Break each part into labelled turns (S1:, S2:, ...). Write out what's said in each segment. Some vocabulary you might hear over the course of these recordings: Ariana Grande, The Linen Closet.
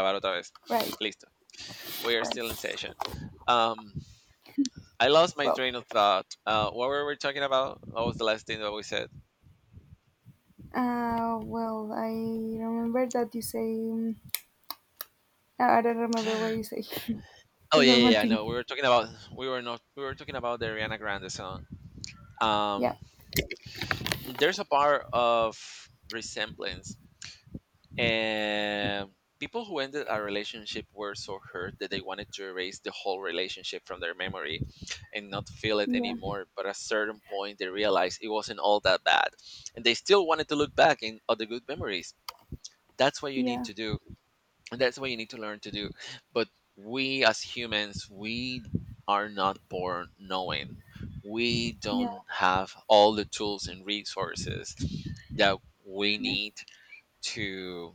S1: Grabar otra vez.
S2: Right,
S1: Listo. We are still in
S2: right.
S1: session. Um, I lost my
S2: Well,
S1: train of thought. What were we talking about? What was the last thing that we said?
S2: I remember that you say. um, I don't remember what you say. That's
S1: Oh yeah,
S2: the
S1: yeah,
S2: one
S1: yeah. I
S2: thing.
S1: know. We were talking about we were not we were talking about the Ariana Grande song.
S2: Yeah,
S1: Um, there's a part of resemblance. And people who ended a relationship were so hurt that they wanted to erase the whole relationship from their memory and not feel it
S2: yeah,
S1: anymore. But at a certain point, they realized it wasn't all that bad. And they still wanted to look back in all the good memories. That's what you need
S2: yeah,
S1: to do. And that's what you need to learn to do. But we as humans, we are not born knowing. We
S2: yeah,
S1: don't have all the tools and resources that we
S2: yeah,
S1: need to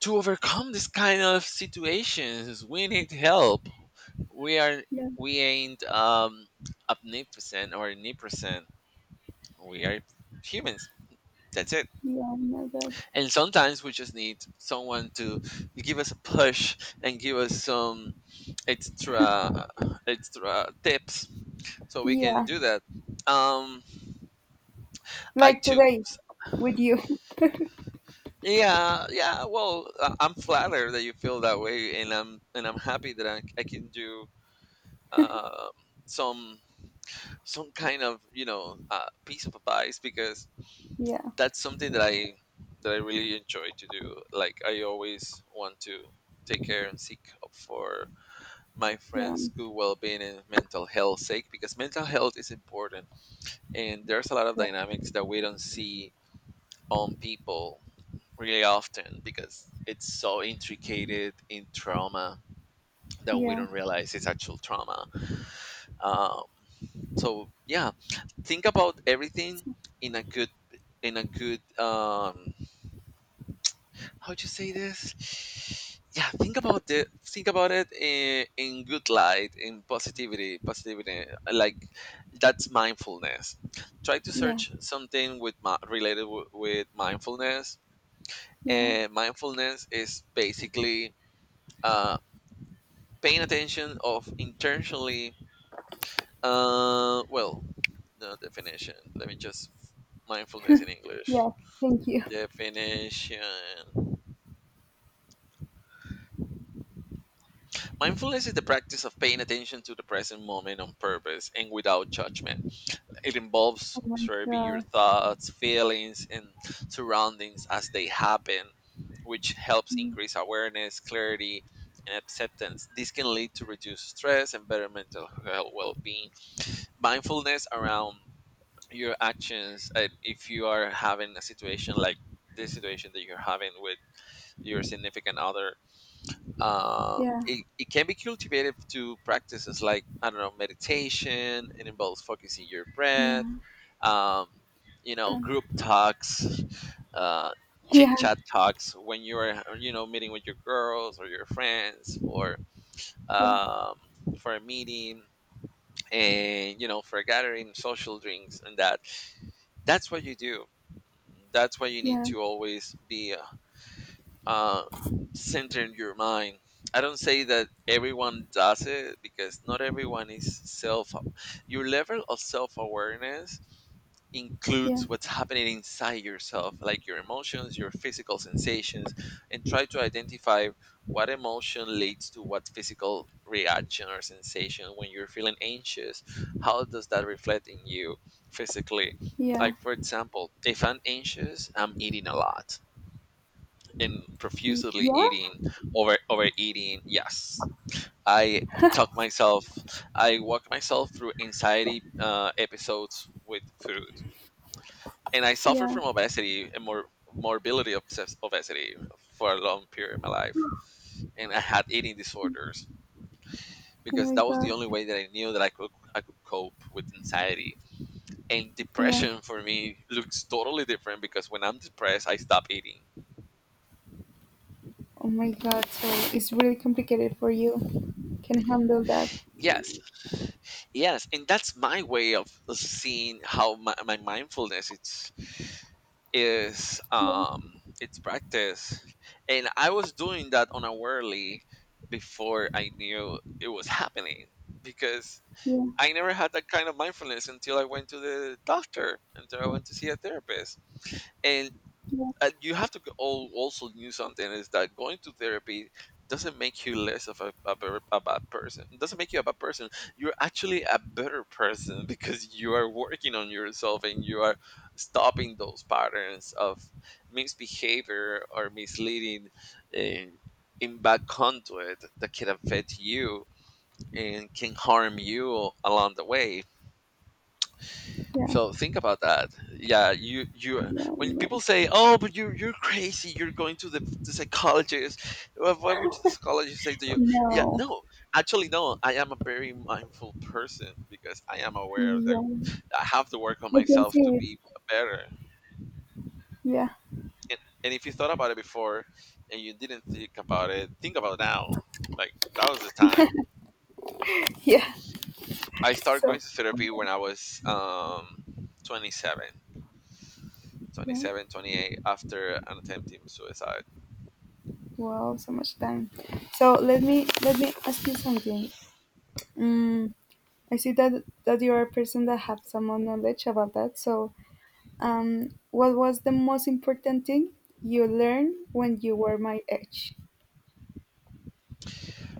S1: to overcome this kind of situations. We need help. We are,
S2: yeah,
S1: we ain't omnipotent or omnipresent. We are humans, that's it.
S2: yeah, yeah, that-
S1: And sometimes we just need someone to give us a push and give us some extra extra tips so we can
S2: yeah.
S1: do that. um I
S2: Like
S1: took
S2: today with you.
S1: yeah, yeah, well, I'm flattered that you feel that way, and I'm happy that I can do um, some some kind of you know piece of advice, because
S2: Yeah,
S1: that's something that I really enjoy to do. Like I always want to take care and seek up for my
S2: yeah,
S1: friends' good well-being and mental health sake, because mental health is important, and there's a lot of
S2: yeah,
S1: dynamics that we don't see on people really often because it's so intricated in trauma that we
S2: yeah,
S1: don't realize it's actual trauma. Um, so yeah, think about everything
S2: so-
S1: in a good how to say this. yeah, think about the think about it in good light, in positivity. Like, that's mindfulness. Try to
S2: yeah,
S1: search something with related with mindfulness.
S2: yeah,
S1: And mindfulness is basically uh paying attention of intentionally. uh well the definition, let me just mindfulness in English.
S2: yeah. Thank you.
S1: Definition: mindfulness is the practice of paying attention to the present moment on purpose and without judgment. It involves
S2: Oh my
S1: observing your
S2: God.
S1: thoughts, feelings, and surroundings as they happen, which helps
S2: Mm,
S1: increase awareness, clarity, and acceptance. This can lead to reduced stress and better mental health well being. Mindfulness around your actions, and if you are having a situation like this situation that you're having with your significant other,
S2: yeah,
S1: it can be cultivated to practices like I don't know, meditation. It involves focusing your breath,
S2: yeah,
S1: um, you know,
S2: yeah,
S1: group talks, uh, chit
S2: yeah,
S1: chat talks when you are, you know, meeting with your girls or your friends or
S2: yeah,
S1: um, for a meeting and you know, for a gathering, social drinks, and that, that's what you do. That's why you need
S2: yeah,
S1: to always be uh, centering your mind. I don't say that everyone does it because not everyone is self. Your level of self awareness
S2: yeah,
S1: includes what's happening inside yourself, like your emotions, your physical sensations, and try to identify what emotion leads to what physical reaction or sensation. When you're feeling anxious, how does that reflect in you physically?
S2: yeah,
S1: Like, for example, if I'm anxious, I'm eating a lot, in
S2: y-
S1: profusely
S2: yeah,
S1: eating, overeating. Yes, I talk myself, I walk myself through anxiety episodes with food. And I suffer
S2: yeah.
S1: from obesity and more morbidity of obesity for a long period of my life. And I had eating disorders
S2: Oh
S1: because
S2: my
S1: that was the
S2: God.
S1: only way that I knew that I could cope with anxiety, and
S2: Yeah.
S1: depression for me looks totally different because when I'm depressed I stop eating.
S2: Oh my God, so it's really complicated for you. Can handle that.
S1: Yes, yes, and that's my way of seeing how my mindfulness it's is
S2: Yeah,
S1: it's practice. And I was doing that unawarely before I knew it was happening, because
S2: yeah,
S1: I never had that kind of mindfulness until I went to the doctor, until I went to see a therapist. And
S2: yeah,
S1: you have to all also knew something is that going to therapy doesn't make you less of a, a bad person. It doesn't make you a bad person. You're actually a better person because you are working on yourself and you are stopping those patterns of misbehavior or misleading, uh, in bad conduit that can affect you and can harm you along the way.
S2: yeah.
S1: So think about that. Yeah, you
S2: yeah,
S1: when people
S2: no.
S1: say, "Oh, but you're crazy. You're going to the psychologist." Why would the psychologist say to you? Yeah,
S2: No.
S1: no, actually, no. I am a very mindful person because I am aware that
S2: Yeah.
S1: I have to work on
S2: I can
S1: myself to
S2: see it.
S1: be better.
S2: Yeah.
S1: And, and if you thought about it before and you didn't think about it, think about now. Like, that was the time
S2: Yeah.
S1: I started going
S2: So
S1: to therapy when I was 27
S2: yeah.
S1: 27 28, after an attempting suicide.
S2: Wow, so much time. So let me ask you something. Mm, I see that you are a person that have some more knowledge about that. So what was the most important thing you learned when you were my age?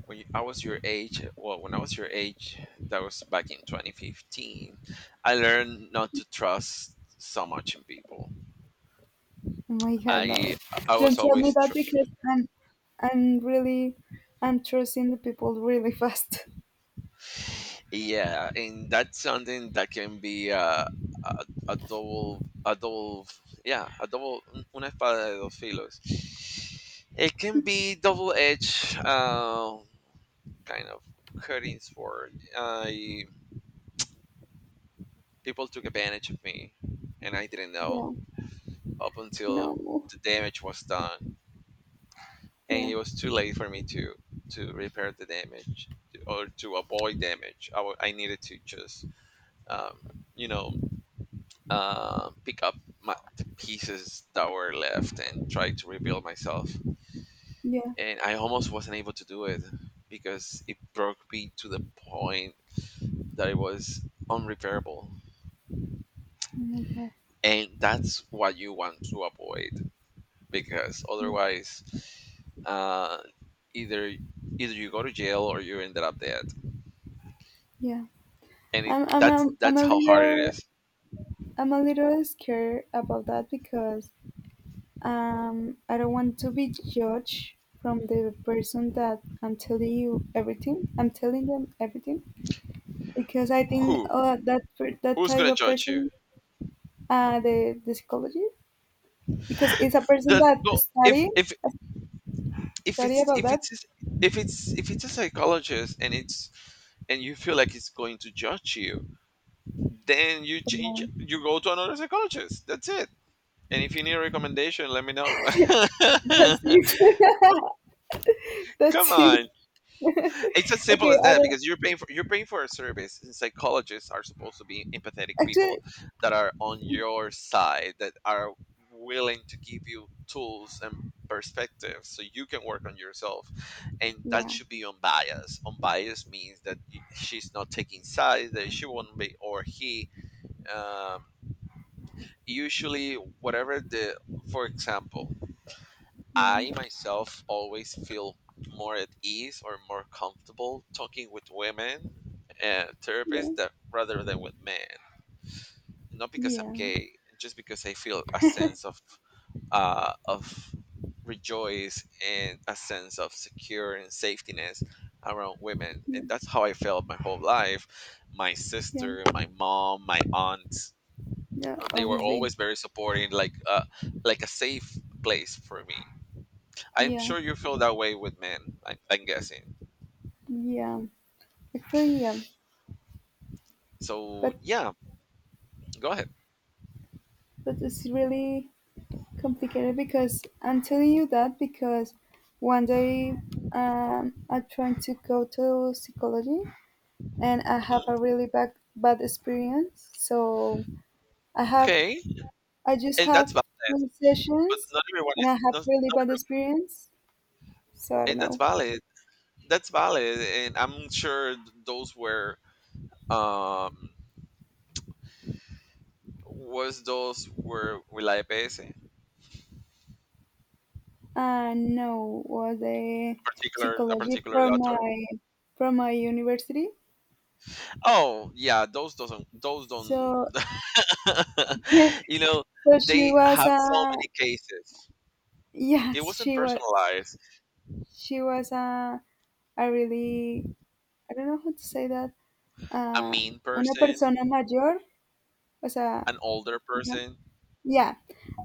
S1: When you, I was your age, well, when I was your age, that was back in 2015, I learned not to trust so much in people.
S2: Oh my god, no.
S1: I i
S2: Don't
S1: was
S2: tell me
S1: always
S2: that because I'm really, I'm trusting the people really fast.
S1: yeah, and that's something that can be a, double, yeah, a double, una espada de dos filos. It can be double-edged, kind of hurting sword. I, people took advantage of me and I didn't know
S2: Yeah.
S1: up until
S2: No.
S1: the damage was done, and
S2: Yeah.
S1: it was too late for me to repair the damage or to avoid damage. I needed to just you know, pick up the pieces that were left and try to rebuild myself.
S2: Yeah.
S1: And I almost wasn't able to do it because it broke me to the point that it was unrepairable.
S2: Oh my God.
S1: And that's what you want to avoid, because
S2: Yeah.
S1: otherwise uh, either either you go to jail or you ended up dead.
S2: Yeah.
S1: And
S2: I'm, I'm, I'm, I'm
S1: that's
S2: a
S1: how hard it
S2: little,
S1: is.
S2: I'm a little scared about that because I don't want to be judged from the person that I'm telling you everything. I'm telling them everything because I think
S1: Who,
S2: that
S1: who's
S2: type
S1: gonna
S2: of
S1: judge you?
S2: person, the psychology, because it's a person that
S1: No, if
S2: study
S1: it's,
S2: about
S1: if it's, if it's a psychologist and it's, and you feel like it's going to judge you, then you change,
S2: that.
S1: you go to another psychologist, that's it. And if you need a recommendation, let me know.
S2: That's it.
S1: come
S2: That's it.
S1: on. It's as simple
S2: Okay,
S1: as
S2: I
S1: that,
S2: don't
S1: because you're paying for a service. And psychologists are supposed to be empathetic
S2: actually.
S1: people that are on your side, that are willing to give you tools and perspectives so you can work on yourself. And that
S2: Yeah,
S1: should be unbiased. Unbiased means that she's not taking sides, that she won't be, or he. Um, usually, whatever for example,
S2: yeah,
S1: I myself always feel more at ease or more comfortable talking with women
S2: yeah,
S1: therapists, that, rather than with men. Not because I'm
S2: yeah,
S1: gay, just because I feel a sense of uh, of rejoice and a sense of secure and safetiness around women,
S2: yeah,
S1: and that's how I felt my whole life. My
S2: yeah,
S1: sister, my mom, my aunt,
S2: yeah.
S1: they were
S2: Obviously,
S1: always very supporting, like a safe place for me. I'm
S2: yeah,
S1: sure you feel that way with men. I, I'm guessing.
S2: yeah. Actually, yeah,
S1: So
S2: but
S1: yeah, go ahead.
S2: it's really complicated because I'm telling you that because one day I'm trying to go to psychology and I have a
S1: Hmm.
S2: really bad experience. So I have
S1: Okay,
S2: I just
S1: and
S2: have
S1: that's valid.
S2: two
S1: But
S2: sessions
S1: not everyone
S2: and
S1: is
S2: I have
S1: not,
S2: really
S1: not,
S2: bad experience.
S1: and that's
S2: Sarno.
S1: valid. That's valid, and I'm sure those were um was those were Will PS,
S2: No, was a
S1: a
S2: psychology
S1: particular
S2: from
S1: doctor.
S2: my university.
S1: Oh yeah, those doesn't those don't.
S2: So
S1: you know,
S2: so she
S1: they
S2: was
S1: have
S2: a
S1: so many cases. It
S2: yes,
S1: wasn't
S2: she was
S1: personalized.
S2: she was a a really I don't know how to say that.
S1: A
S2: Uh,
S1: mean
S2: una
S1: person,
S2: persona mayor, o sea,
S1: an older
S2: una-
S1: person.
S2: yeah,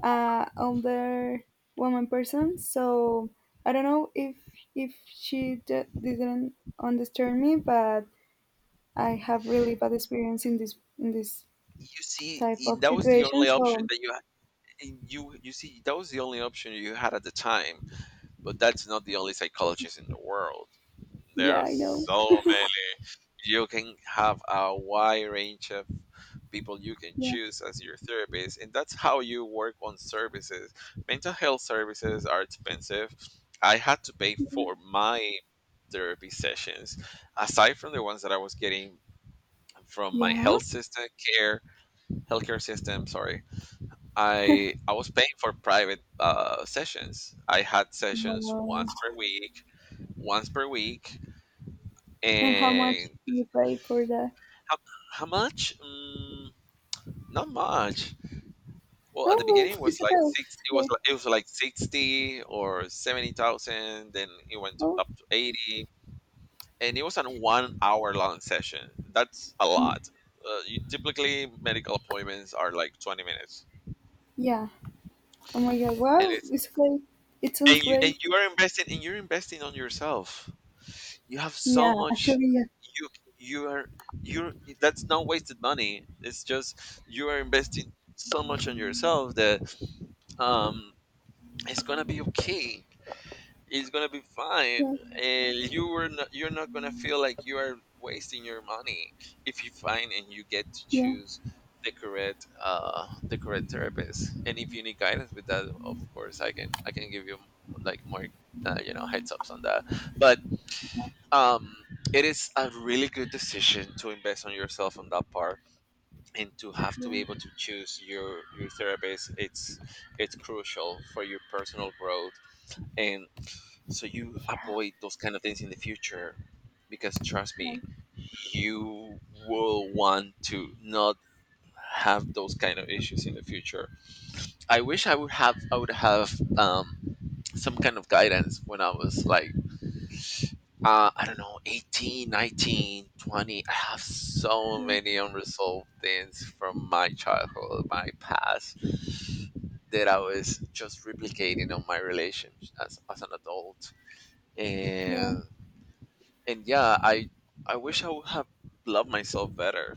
S2: older woman person. So I don't know if didn't understand me, but I have really bad experience in this
S1: You see,
S2: type
S1: and
S2: of
S1: that was the
S2: situation.
S1: only option
S2: So
S1: that you had. And you see, that was the only option you had at the time. But that's not the only psychologist in the world. There
S2: yeah,
S1: are
S2: I know.
S1: so many. You can have a wide range of people you can
S2: Yeah,
S1: choose as your therapist, and that's how you work on services. Mental health services are expensive. I had to pay for my therapy sessions, aside from the ones that I was getting from my
S2: yeah.
S1: health system care, healthcare system. Sorry, I was paying for private sessions. I had sessions
S2: Wow.
S1: once per week,
S2: And how much
S1: and
S2: you pay for that?
S1: how, how much? Mm, not much. Well, at the
S2: Oh, well,
S1: beginning
S2: it's
S1: it was
S2: okay.
S1: like six.
S2: It's okay.
S1: It was like 60 or 70,000. Then it went to,
S2: Oh,
S1: up to 80, and it was a 1 hour long session. That's a lot. You, typically, medical appointments are like 20 minutes,
S2: yeah. Oh my God.
S1: and
S2: Wow,
S1: it's
S2: it's okay. It sounds
S1: and
S2: great.
S1: you are investing and you're investing on yourself. You have so
S2: Yeah,
S1: much.
S2: actually,
S1: You you are you. That's not wasted money. It's just you are investing so much on yourself that um, it's gonna be okay. It's gonna be fine,
S2: yeah,
S1: and you were not, you're not gonna feel like you are wasting your money if you find and you get to
S2: yeah,
S1: choose the correct therapist. And if you need guidance with that, of course, I can give you like more heads ups on that. But um it is a really good decision to invest on yourself on that part and to have to be
S2: yeah,
S1: able to choose your therapist. It's crucial for your personal growth, and so you avoid those kind of things in the future. Because trust me, you will want to not have those kind of issues in the future. I wish I would have some kind of guidance when I was like I don't know, 18, 19, 20. I have so
S2: yeah,
S1: many unresolved things from my childhood, my past, that I was just replicating on my relations as an adult.
S2: yeah,
S1: And and yeah, I wish I would have loved myself better.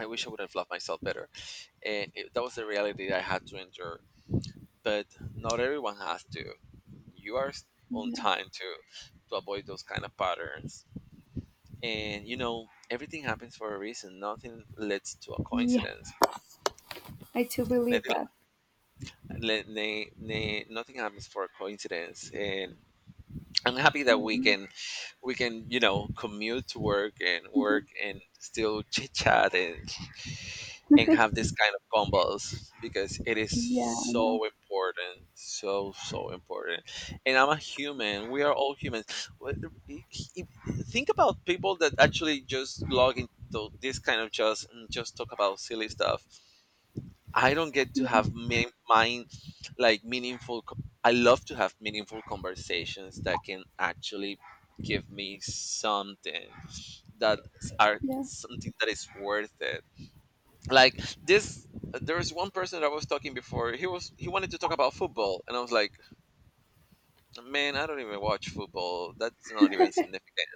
S1: I wish I would have loved myself better. And that was the reality that I had to endure. But not everyone has to. You are s- on
S2: yeah.
S1: time to avoid those kind of patterns. And you know, everything happens for a reason. Nothing leads to a
S2: Yeah.
S1: coincidence.
S2: I too believe
S1: Nothing,
S2: that.
S1: nothing happens for a coincidence. And I'm happy that we
S2: Um,
S1: can we can, you know, commute to work and work and still chit chat, and have this kind of combos, because it is
S2: Yeah, I know.
S1: so important, so important. And I'm a human, we are all humans. What- i- i- think about people that actually just log into this kind of, just just talk about silly stuff. I don't get to
S2: Yeah,
S1: have mine, like meaningful I love to have meaningful conversations that can actually give me something, that are
S2: yeah,
S1: something that is worth it. Like this, there was one person that I was talking before. He was he wanted to talk about football, and I was like, "Man, I don't even watch football. That's not even significant."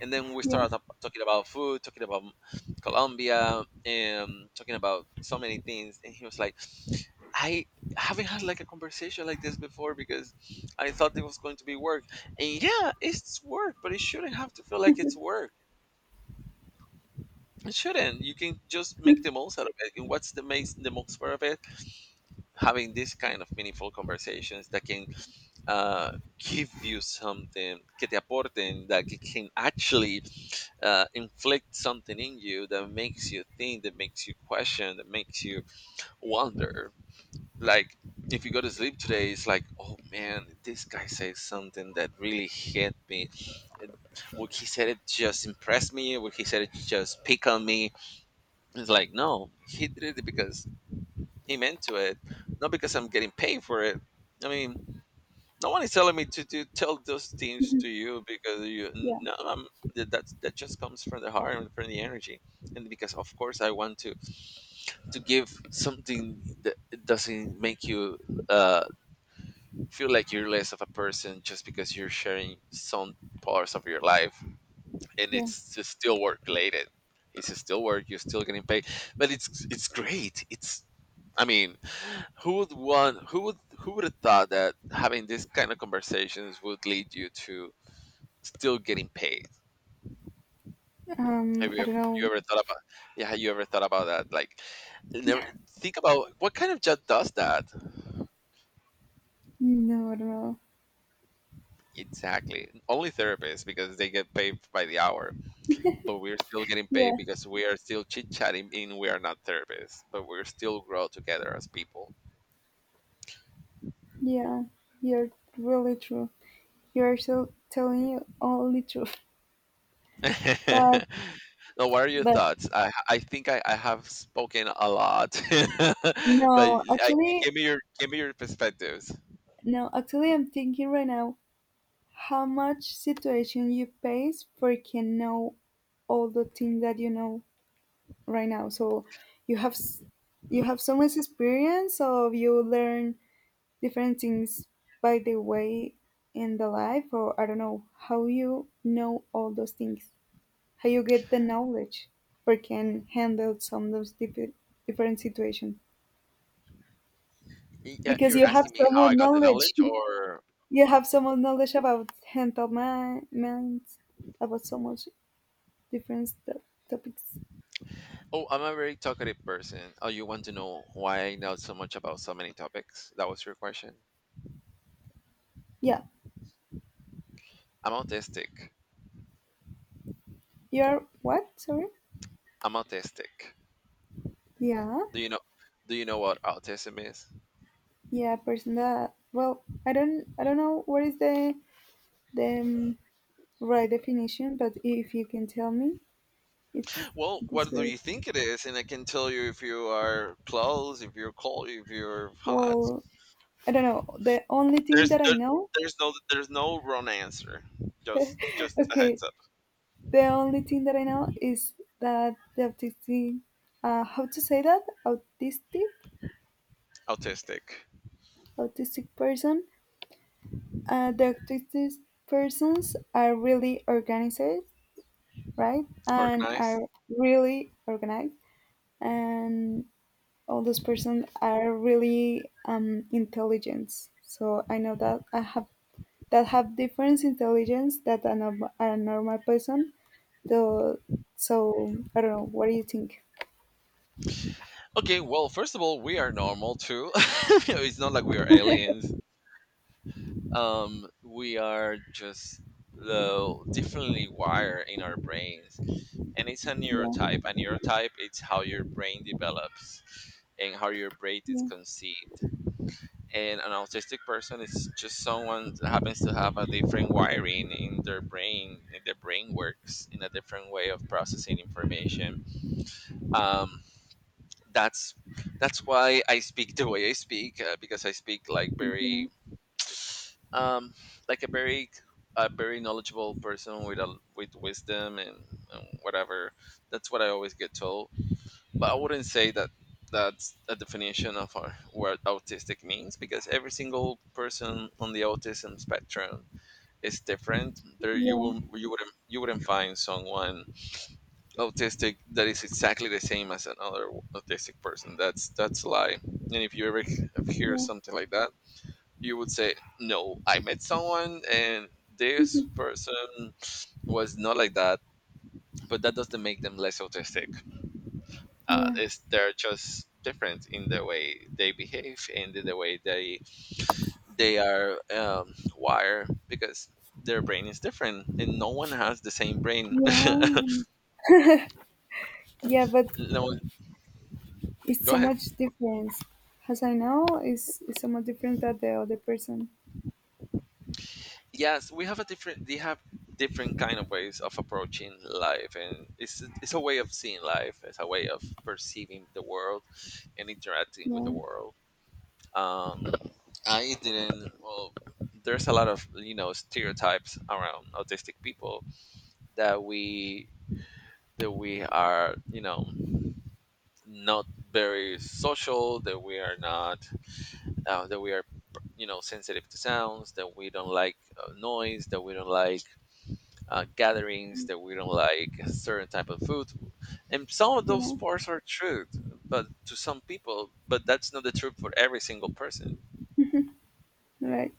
S1: And then we
S2: yeah,
S1: started up talking about food, talking about Colombia, and talking about so many things. And he was like, "I haven't had like a conversation like this before, because I thought it was going to be work." And yeah, it's work, but it shouldn't have to feel like it's work. It shouldn't. You can just make the most out of it. And what's the makes the most out of it, having this kind of meaningful conversations that can give you something, que te aporten, that can actually inflict something in you that makes you think, that makes you question, that makes you wonder. Like, if you go to sleep today, it's like, oh man, this guy says something that really hit me. Would he said it just impressed me, would he said it just pick on me? It's like, no, he did it because he meant to it, not because I'm getting paid for it. I mean, No one is telling me to tell those things to you because you
S2: yeah.
S1: no. That that just comes from the heart and from the energy. And because of course I want to give something that doesn't make you uh, feel like you're less of a person just because you're sharing some parts of your life. And
S2: yeah.
S1: it's just still work related, it's still work, you're still getting paid. But it's great. It's I mean who would want, who would, who would have thought that having these kind of conversations would lead you to still getting paid. Have you
S2: I
S1: ever,
S2: don't know.
S1: you ever thought about, yeah, have you ever thought about that? Like, never think about what kind of job does that?
S2: No, I don't know.
S1: Exactly. Only therapists, because they get paid by the hour. But we're still getting
S2: Yeah,
S1: paid because we are still chit chatting and we are not therapists. But we're still grow together as people.
S2: yeah, you're really true. You're so telling you only truth. But
S1: now what are your
S2: but
S1: thoughts? I think I have spoken a lot. but
S2: no,
S1: I, give
S2: actually
S1: me your, give me your perspectives.
S2: no, actually I'm thinking right now how much situation you face for can know all the things that you know right now. So you have s- you have so much experience of you learn different things by the way in the life or I don't know how you know all those things. How you get the knowledge or can handle some of those different situations
S1: Yeah,
S2: because
S1: you're
S2: you have
S1: asking me
S2: so
S1: how
S2: much
S1: I got the
S2: knowledge
S1: knowledge, or
S2: you have so much knowledge about mental minds about so much different to- topics.
S1: oh, I'm a very talkative person. Oh, you want to know why I know so much about so many topics? That was your question.
S2: Yeah,
S1: I'm autistic.
S2: you're what, sorry?
S1: I'm autistic.
S2: Yeah,
S1: Do you know? Do you know what autism is?
S2: yeah, person that well I don't know what is the the um, right definition, but if you can tell me it's
S1: Well,
S2: this
S1: what do
S2: great.
S1: you think it is? And I can tell you if you are close, if you're cold, if you're hot.
S2: Well, I don't know, the only thing
S1: There's
S2: that I
S1: there,
S2: know.
S1: there's no, there's no wrong answer. Just a
S2: Okay.
S1: heads up.
S2: The only thing that I know is that the autistic, how to say that? Autistic,
S1: Autistic,
S2: autistic person. The autistic persons are really organized, right? And are
S1: organized.
S2: really organized, and all those persons are really intelligent. So I know that I have that have different intelligence that a normal person. Though, so I don't know. What do you think?
S1: Okay. Well, first of all, we are normal too. it's not like we are aliens. We are just differently wired in our brains, and it's a
S2: Yeah.
S1: neurotype, a neurotype. It's how your brain develops and how your brain is
S2: Yeah.
S1: conceived. And an autistic person is just someone that happens to have a different wiring in their brain, and their brain works in a different way of processing information. um, that's that's why I speak the way I speak, because I speak like
S2: Yeah,
S1: very um, like a very, a very knowledgeable person, with a with wisdom, and whatever. That's what I always get told. But I wouldn't say that that's a definition of our, what autistic means, because every single person on the autism spectrum is different. There you
S2: yeah,
S1: will, you wouldn't find someone autistic that is exactly the same as another autistic person. That's a lie. And if you ever hear
S2: yeah,
S1: something like that, you would say, no, I met someone and this person was not like that, but that doesn't make them less autistic.
S2: yeah,
S1: It's, they're just different in the way they behave and in the way they are wired, because their brain is different, and no one has the same brain.
S2: yeah, yeah, but
S1: no one,
S2: it's
S1: go
S2: so
S1: ahead.
S2: much difference. As I know, it's so much different than the other person.
S1: Yes, we have a different, they have different kind of ways of approaching life, and it's a way of seeing life, it's a way of perceiving the world and interacting with the
S2: Yeah,
S1: world. Um I didn't well There's a lot of, you know, stereotypes around autistic people, that we, that we are, you know, not very social, that we are not that we are, you know, sensitive to sounds, that we don't like noise, that we don't like gatherings, that we don't like a certain type of food. And some of those
S2: yeah,
S1: parts are true, but to some people, but that's not the truth for every single person.
S2: right,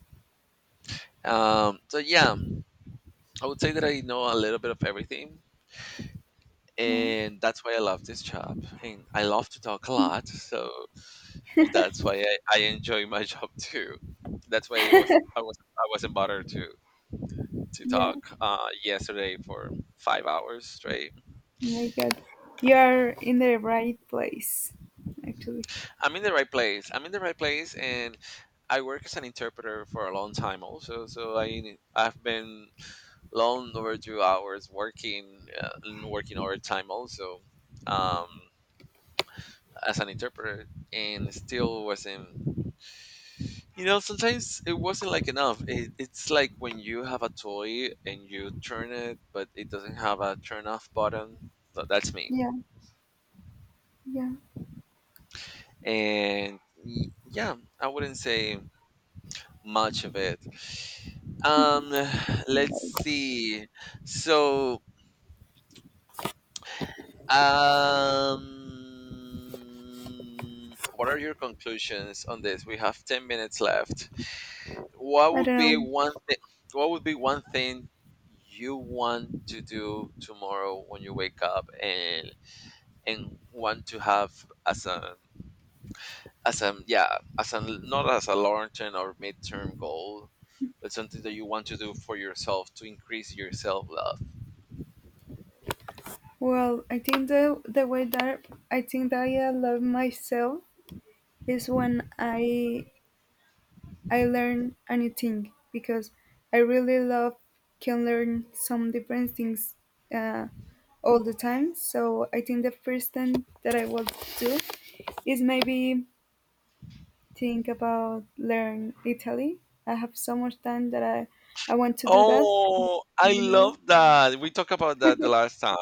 S1: So yeah, I would say that I know a little bit of everything,
S2: yeah,
S1: and that's why I love this job, and I love to talk a lot. So that's why I enjoy my job too. That's why I was I wasn't bothered to
S2: yeah. Oh
S1: talk yesterday for 5 hours straight.
S2: my God, you are in the right place, actually.
S1: I'm in the right place. I'm in the right place, and I work as an interpreter for a long time also. So I've been long overdue hours working and working overtime also, um, as an interpreter, and still wasn't. You know, sometimes it wasn't like enough. It's like when you have a toy and you turn it, but it doesn't have a turn off button. So that's me.
S2: Yeah, yeah.
S1: And yeah, I wouldn't say much of it. Um, let's
S2: Right.
S1: see. So, what are your conclusions on this? We have 10 minutes left. What
S2: I
S1: would
S2: don't
S1: be
S2: know.
S1: one thing? What would be one thing you want to do tomorrow when you wake up, and want to have as a, as a, yeah, as a, not as a long term or midterm goal, but something that you want to do for yourself to increase your self love.
S2: Well, I think the way that I think that I love myself is when I learn anything because I really love can learn some different things uh, all the time. So I think the first thing that I will do is maybe think about learn Italy. I have so much time that I want to do that.
S1: Oh,
S2: I
S1: I
S2: don't know.
S1: love that. We talked about that the last time.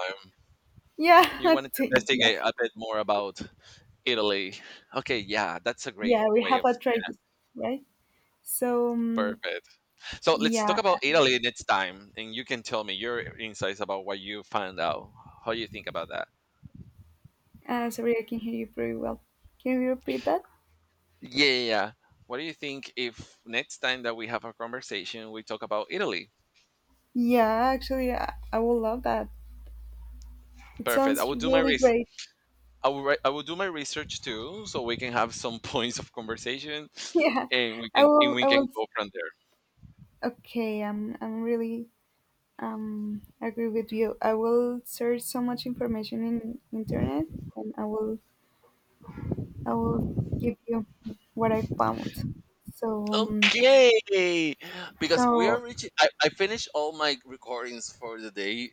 S2: Yeah,
S1: You
S2: I
S1: wanted to
S2: think yeah,
S1: investigate a bit more about Italy. Okay, yeah, that's a great
S2: yeah. We
S1: way
S2: have
S1: of,
S2: a try this, right? So
S1: perfect. So let's talk
S2: yeah.
S1: about Italy next time, and you can tell me your insights about what you found out, how you think about that.
S2: Sorry, I can hear you very well. Can you repeat that?
S1: Yeah. What do you think if next time that we have a conversation we talk about Italy?
S2: Yeah, actually, I will love that. It
S1: Perfect. I
S2: sounds
S1: will do my
S2: really
S1: research.
S2: great.
S1: I will do my research too, so we can have some points of conversation,
S2: Yeah,
S1: and we can, and we
S2: I
S1: can
S2: will.
S1: go from there.
S2: Okay, I'm really. Agree with you. I will search so much information in internet, and I will give you what I found. So. Um,
S1: Okay, because we are
S2: so
S1: reaching. I finished all my recordings for the day,